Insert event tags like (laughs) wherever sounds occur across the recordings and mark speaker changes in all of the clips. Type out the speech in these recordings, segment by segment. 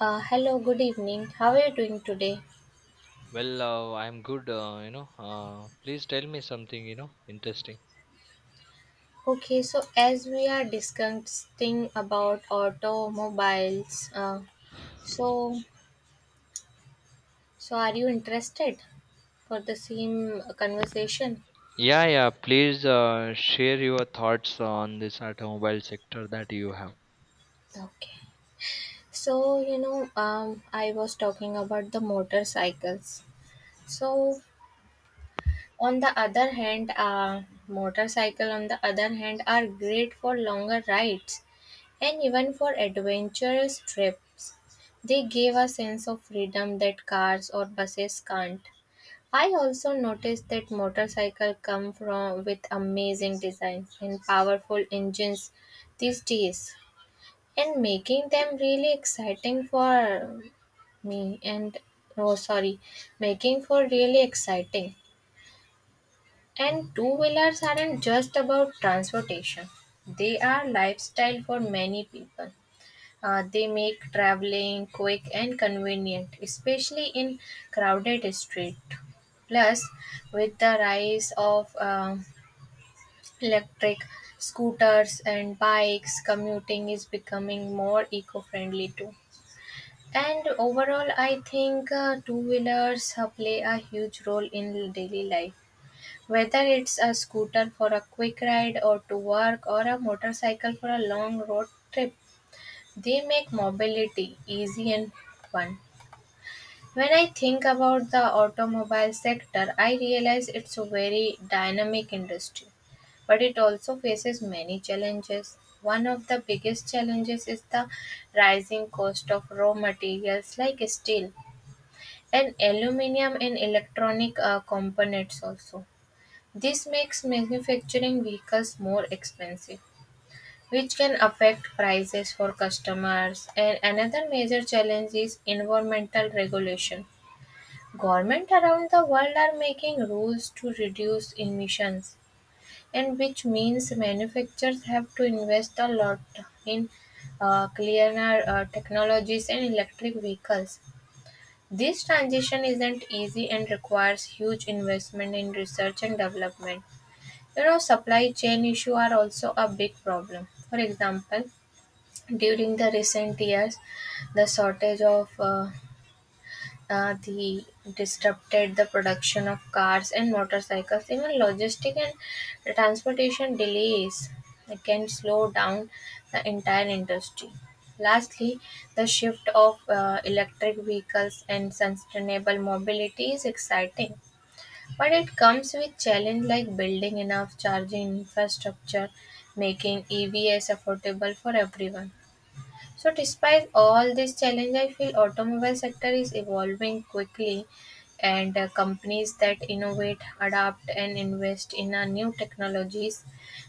Speaker 1: Hello, good evening. How are you doing today?
Speaker 2: Well, I'm good, please tell me something, interesting.
Speaker 1: Okay, so as we are discussing about automobiles, so so are you interested for the same conversation?
Speaker 2: Yeah, yeah, please share your thoughts on this automobile sector that you have.
Speaker 1: Okay. So I was talking about the motorcycles. So on the other hand, motorcycle on the other hand are great for longer rides. And even for adventurous trips, they give a sense of freedom that cars or buses can't. I also noticed that motorcycles come from with amazing designs and powerful engines these days, and making them really exciting for me and oh sorry making for really exciting. And two wheelers aren't just about transportation, they are lifestyle for many people. They make traveling quick and convenient, especially in crowded street. Plus, with the rise of electric scooters and bikes, commuting is becoming more eco-friendly too. And overall, I think two-wheelers play a huge role in daily life. Whether it's a scooter for a quick ride or to work or a motorcycle for a long road trip, they make mobility easy and fun. When I think about the automobile sector, I realize it's a very dynamic industry, but it also faces many challenges. One of the biggest challenges is the rising cost of raw materials like steel and aluminum and electronic components also. This makes manufacturing vehicles more expensive which can affect prices for customers. And another major challenge is environmental regulation. Governments around the world are making rules to reduce emissions, and which means manufacturers have to invest a lot in cleaner technologies and electric vehicles. This transition isn't easy and requires huge investment in research and development. You know, supply chain issues are also a big problem. For example, during the recent years, the shortage of the disrupted the production of cars and motorcycles. Even logistic and transportation delays can slow down the entire industry. Lastly, the shift of electric vehicles and sustainable mobility is exciting, but it comes with challenge like building enough charging infrastructure, making EVs affordable for everyone. So despite all this challenge, I feel automobile sector is evolving quickly and companies that innovate, adapt and invest in new technologies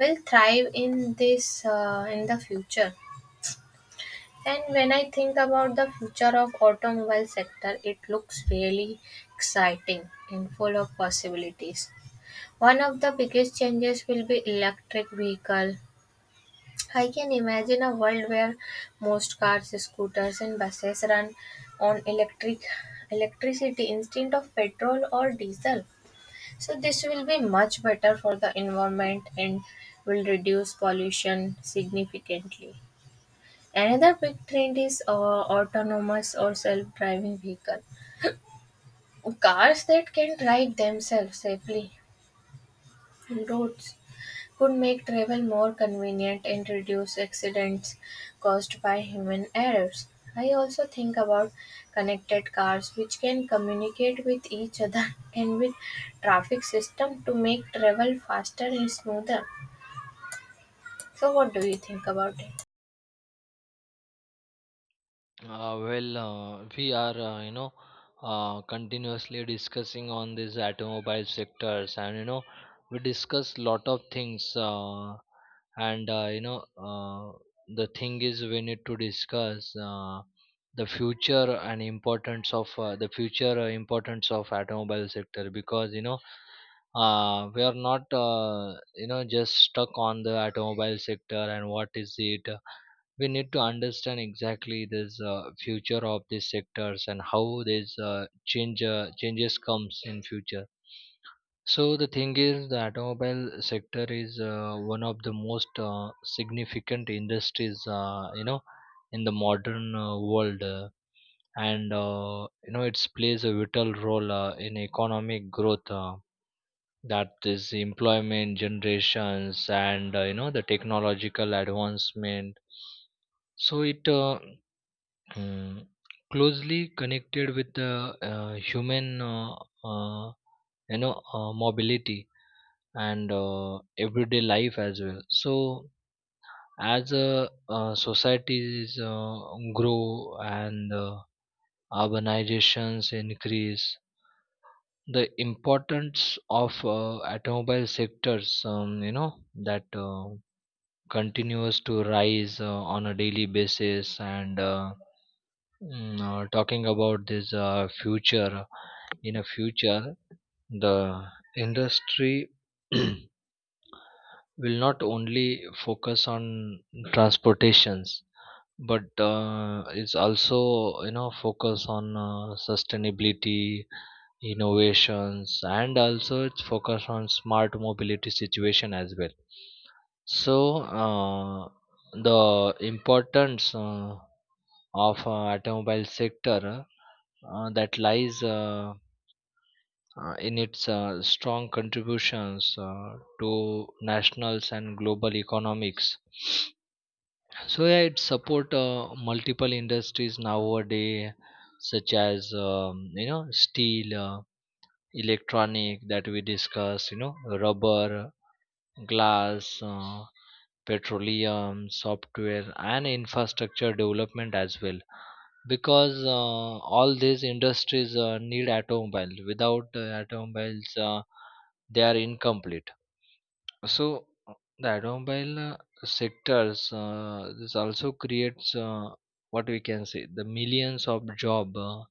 Speaker 1: will thrive in this in the future. And when I think about the future of automobile sector, it looks really exciting and full of possibilities. One of the biggest changes will be electric vehicle. I can imagine a world where most cars, scooters, and buses run on electricity instead of petrol or diesel. So this will be much better for the environment and will reduce pollution significantly. Another big trend is autonomous or self-driving vehicle, cars that can drive themselves safely on roads would make travel more convenient and reduce accidents caused by human errors. I also think about connected cars which can communicate with each other (laughs) and with traffic system to make travel faster and smoother. So what do you think about it?
Speaker 2: We are, continuously discussing on these automobile sectors, and you know, we discuss lot of things, and uh, you know, uh, the thing is, we need to discuss the future importance of automobile sector because you know, we are not, you know, just stuck on the automobile sector and what is it, we need to understand exactly this future of these sectors and how these changes comes in future. So the thing is, the automobile sector is one of the most significant industries, you know, in the modern world And you know, it plays a vital role in economic growth, that is employment generations, and you know, the technological advancement. So it Mm, closely connected with the human, uh, you know, mobility and everyday life as well. So as societies grow and urbanizations increase, the importance of automobile sectors, you know, that continues to rise on a daily basis. And talking about this future in a future, the industry (clears throat) will not only focus on transportations, but it's also, you know, focus on sustainability, innovations, and also it's focus on smart mobility situation as well. So uh, the importance of automobile sector, that lies, in its strong contributions to nationals and global economics. So yeah, it support multiple industries nowadays, such as, you know, steel, electronic that we discussed, you know, rubber, glass, petroleum, software, and infrastructure development as well. Because all these industries need automobile. Without automobiles, they are incomplete. So the automobile sectors, this also creates, what we can say, the millions of job,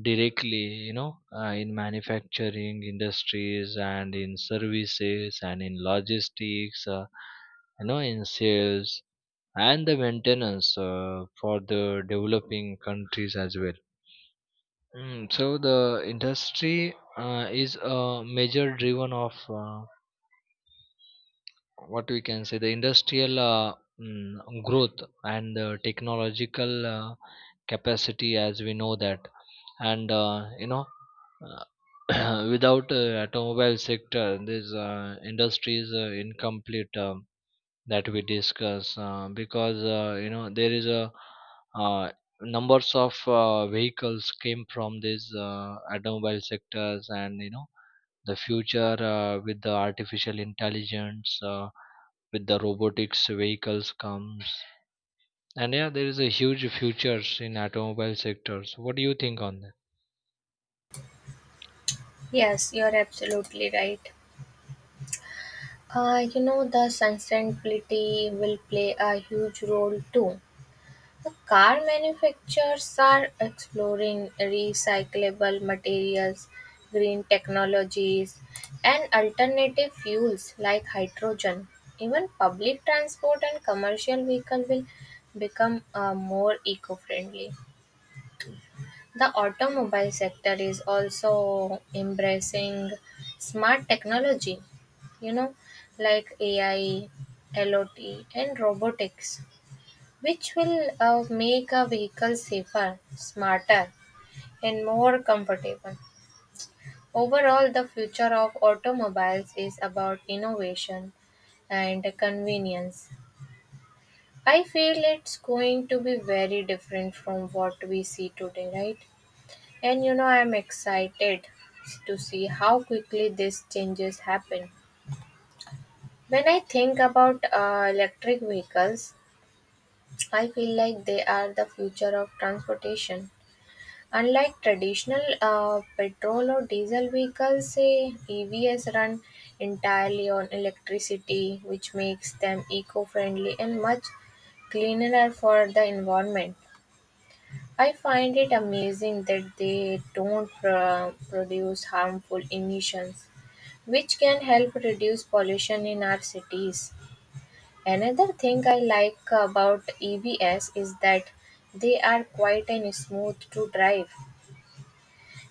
Speaker 2: directly, you know, in manufacturing industries, and in services, and in logistics, you know, in sales and the maintenance, for the developing countries as well. Mm, so the industry is a major driven of, what we can say, the industrial, growth and the technological capacity, as we know that. And you know, (clears throat) without automobile sector, this industry is incomplete, that we discuss, because you know, there is a, uh, numbers of vehicles came from these automobile sectors. And you know, the future, with the artificial intelligence, with the robotics vehicles comes, and yeah, there is a huge futures in automobile sectors. What do you think on that?
Speaker 1: Yes, you're absolutely right. You know, the sustainability will play a huge role too. The car manufacturers are exploring recyclable materials, green technologies, and alternative fuels like hydrogen. Even public transport and commercial vehicles will become more eco-friendly. The automobile sector is also embracing smart technology, you know, like AI, LOT, and robotics which will make a vehicle safer, smarter, and more comfortable. Overall, the future of automobiles is about innovation and convenience. I feel it's going to be very different from what we see today, right? And you know, I'm excited to see how quickly these changes happen. When I think about electric vehicles, I feel like they are the future of transportation. Unlike traditional petrol or diesel vehicles, EVs run entirely on electricity, which makes them eco friendly and much cleaner for the environment. I find it amazing that they don't produce harmful emissions, which can help reduce pollution in our cities. Another thing I like about EVs is that they are quiet and smooth to drive,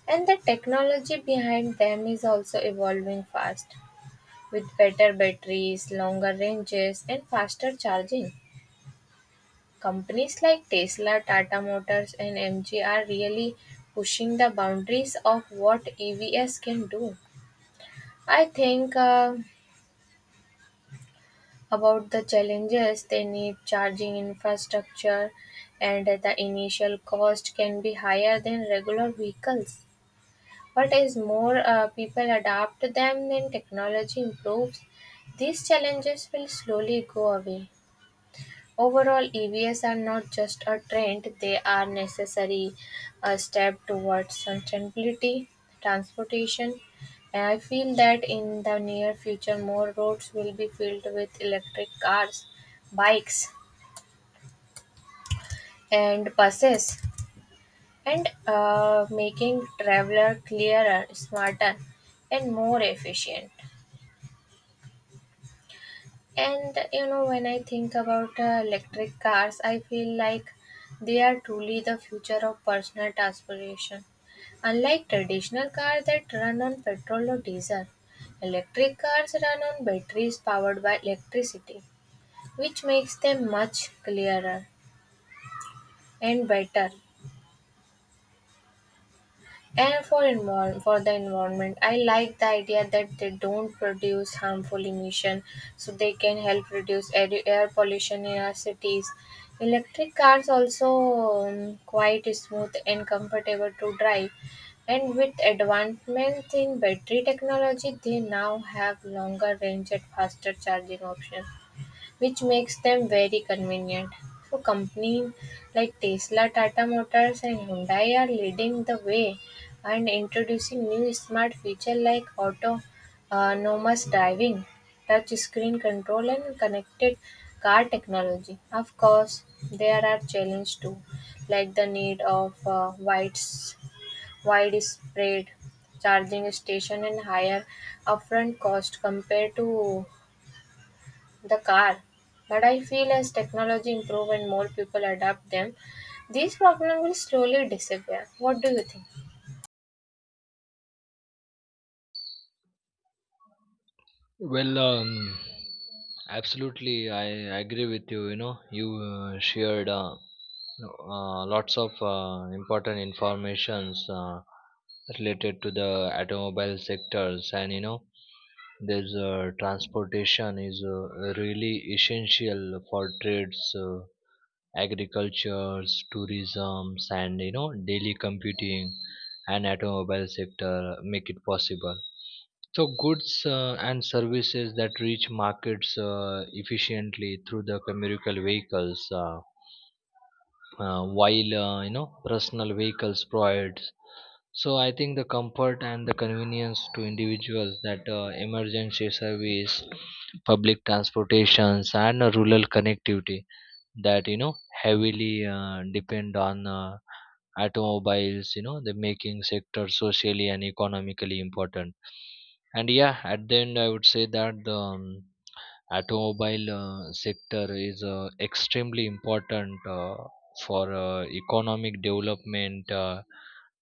Speaker 1: and the technology behind them is also evolving fast. With better batteries, longer ranges, and faster charging, companies like Tesla, Tata Motors, and MG are really pushing the boundaries of what EVs can do. I think about the challenges they need charging infrastructure, and the initial cost can be higher than regular vehicles. But as more people adopt them and technology improves, these challenges will slowly go away. Overall, EVs are not just a trend, they are necessary a step towards sustainability, transportation. And I feel that in the near future, more roads will be filled with electric cars, bikes, and buses, and making traveler clearer, smarter, and more efficient. And you know, when I think about electric cars, I feel like they are truly the future of personal transportation. Unlike traditional cars that run on petrol or diesel, electric cars run on batteries powered by electricity, which makes them much clearer and better. And for for the environment, I like the idea that they don't produce harmful emission, so they can help reduce air pollution in our cities. Electric cars also quite smooth and comfortable to drive, and with advancement in battery technology, they now have longer range and faster charging options which makes them very convenient. So companies like Tesla, Tata Motors and Hyundai are leading the way and introducing new smart features like autonomous driving, touch screen control and connected car technology. Of course, there are challenges too, like the need of widespread charging station and higher upfront cost compared to the car. But I feel as technology improve and more people adapt them, these problems will slowly disappear. What do you think?
Speaker 2: Well, absolutely, I agree with you. You know, you shared lots of important informations related to the automobile sectors. And you know, there's, transportation is really essential for trades, agriculture, tourism, and you know, daily computing, and automobile sector make it possible. So goods and services that reach markets efficiently through the commercial vehicles, while you know, personal vehicles provides. So I think the comfort and the convenience to individuals, that emergency service, public transportations, and rural connectivity, that you know, heavily depend on automobiles, you know, the making sector socially and economically important. And yeah, at the end, I would say that the, automobile sector is extremely important for economic development,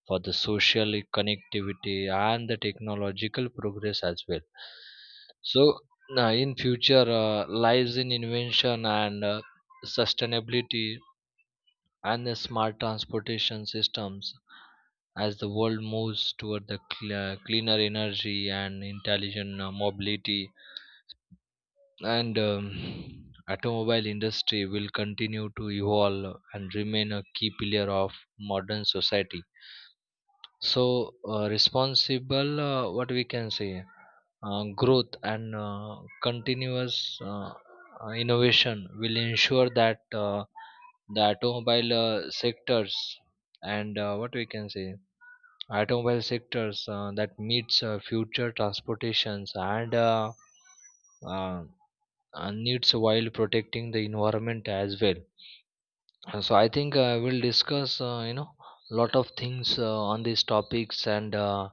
Speaker 2: for the social connectivity, and the technological progress as well. So in future lies in invention and sustainability, and the smart transportation systems. As the world moves toward the cleaner energy and intelligent mobility, and automobile industry will continue to evolve and remain a key pillar of modern society. So responsible, what we can say, growth and continuous, innovation will ensure that the automobile sectors and what we can say, automobile sectors that meets future transportations uh, and needs, while protecting the environment as well. So I think I will discuss, you know, lot of things on these topics. and uh,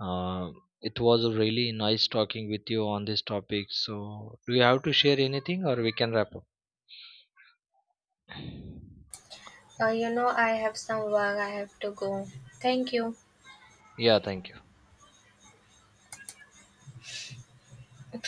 Speaker 2: uh, it was really nice talking with you on this topic. So do you have to share anything, or we can wrap
Speaker 1: You know, I have some work I have to go. Thank you.
Speaker 2: up? Yeah, thank you.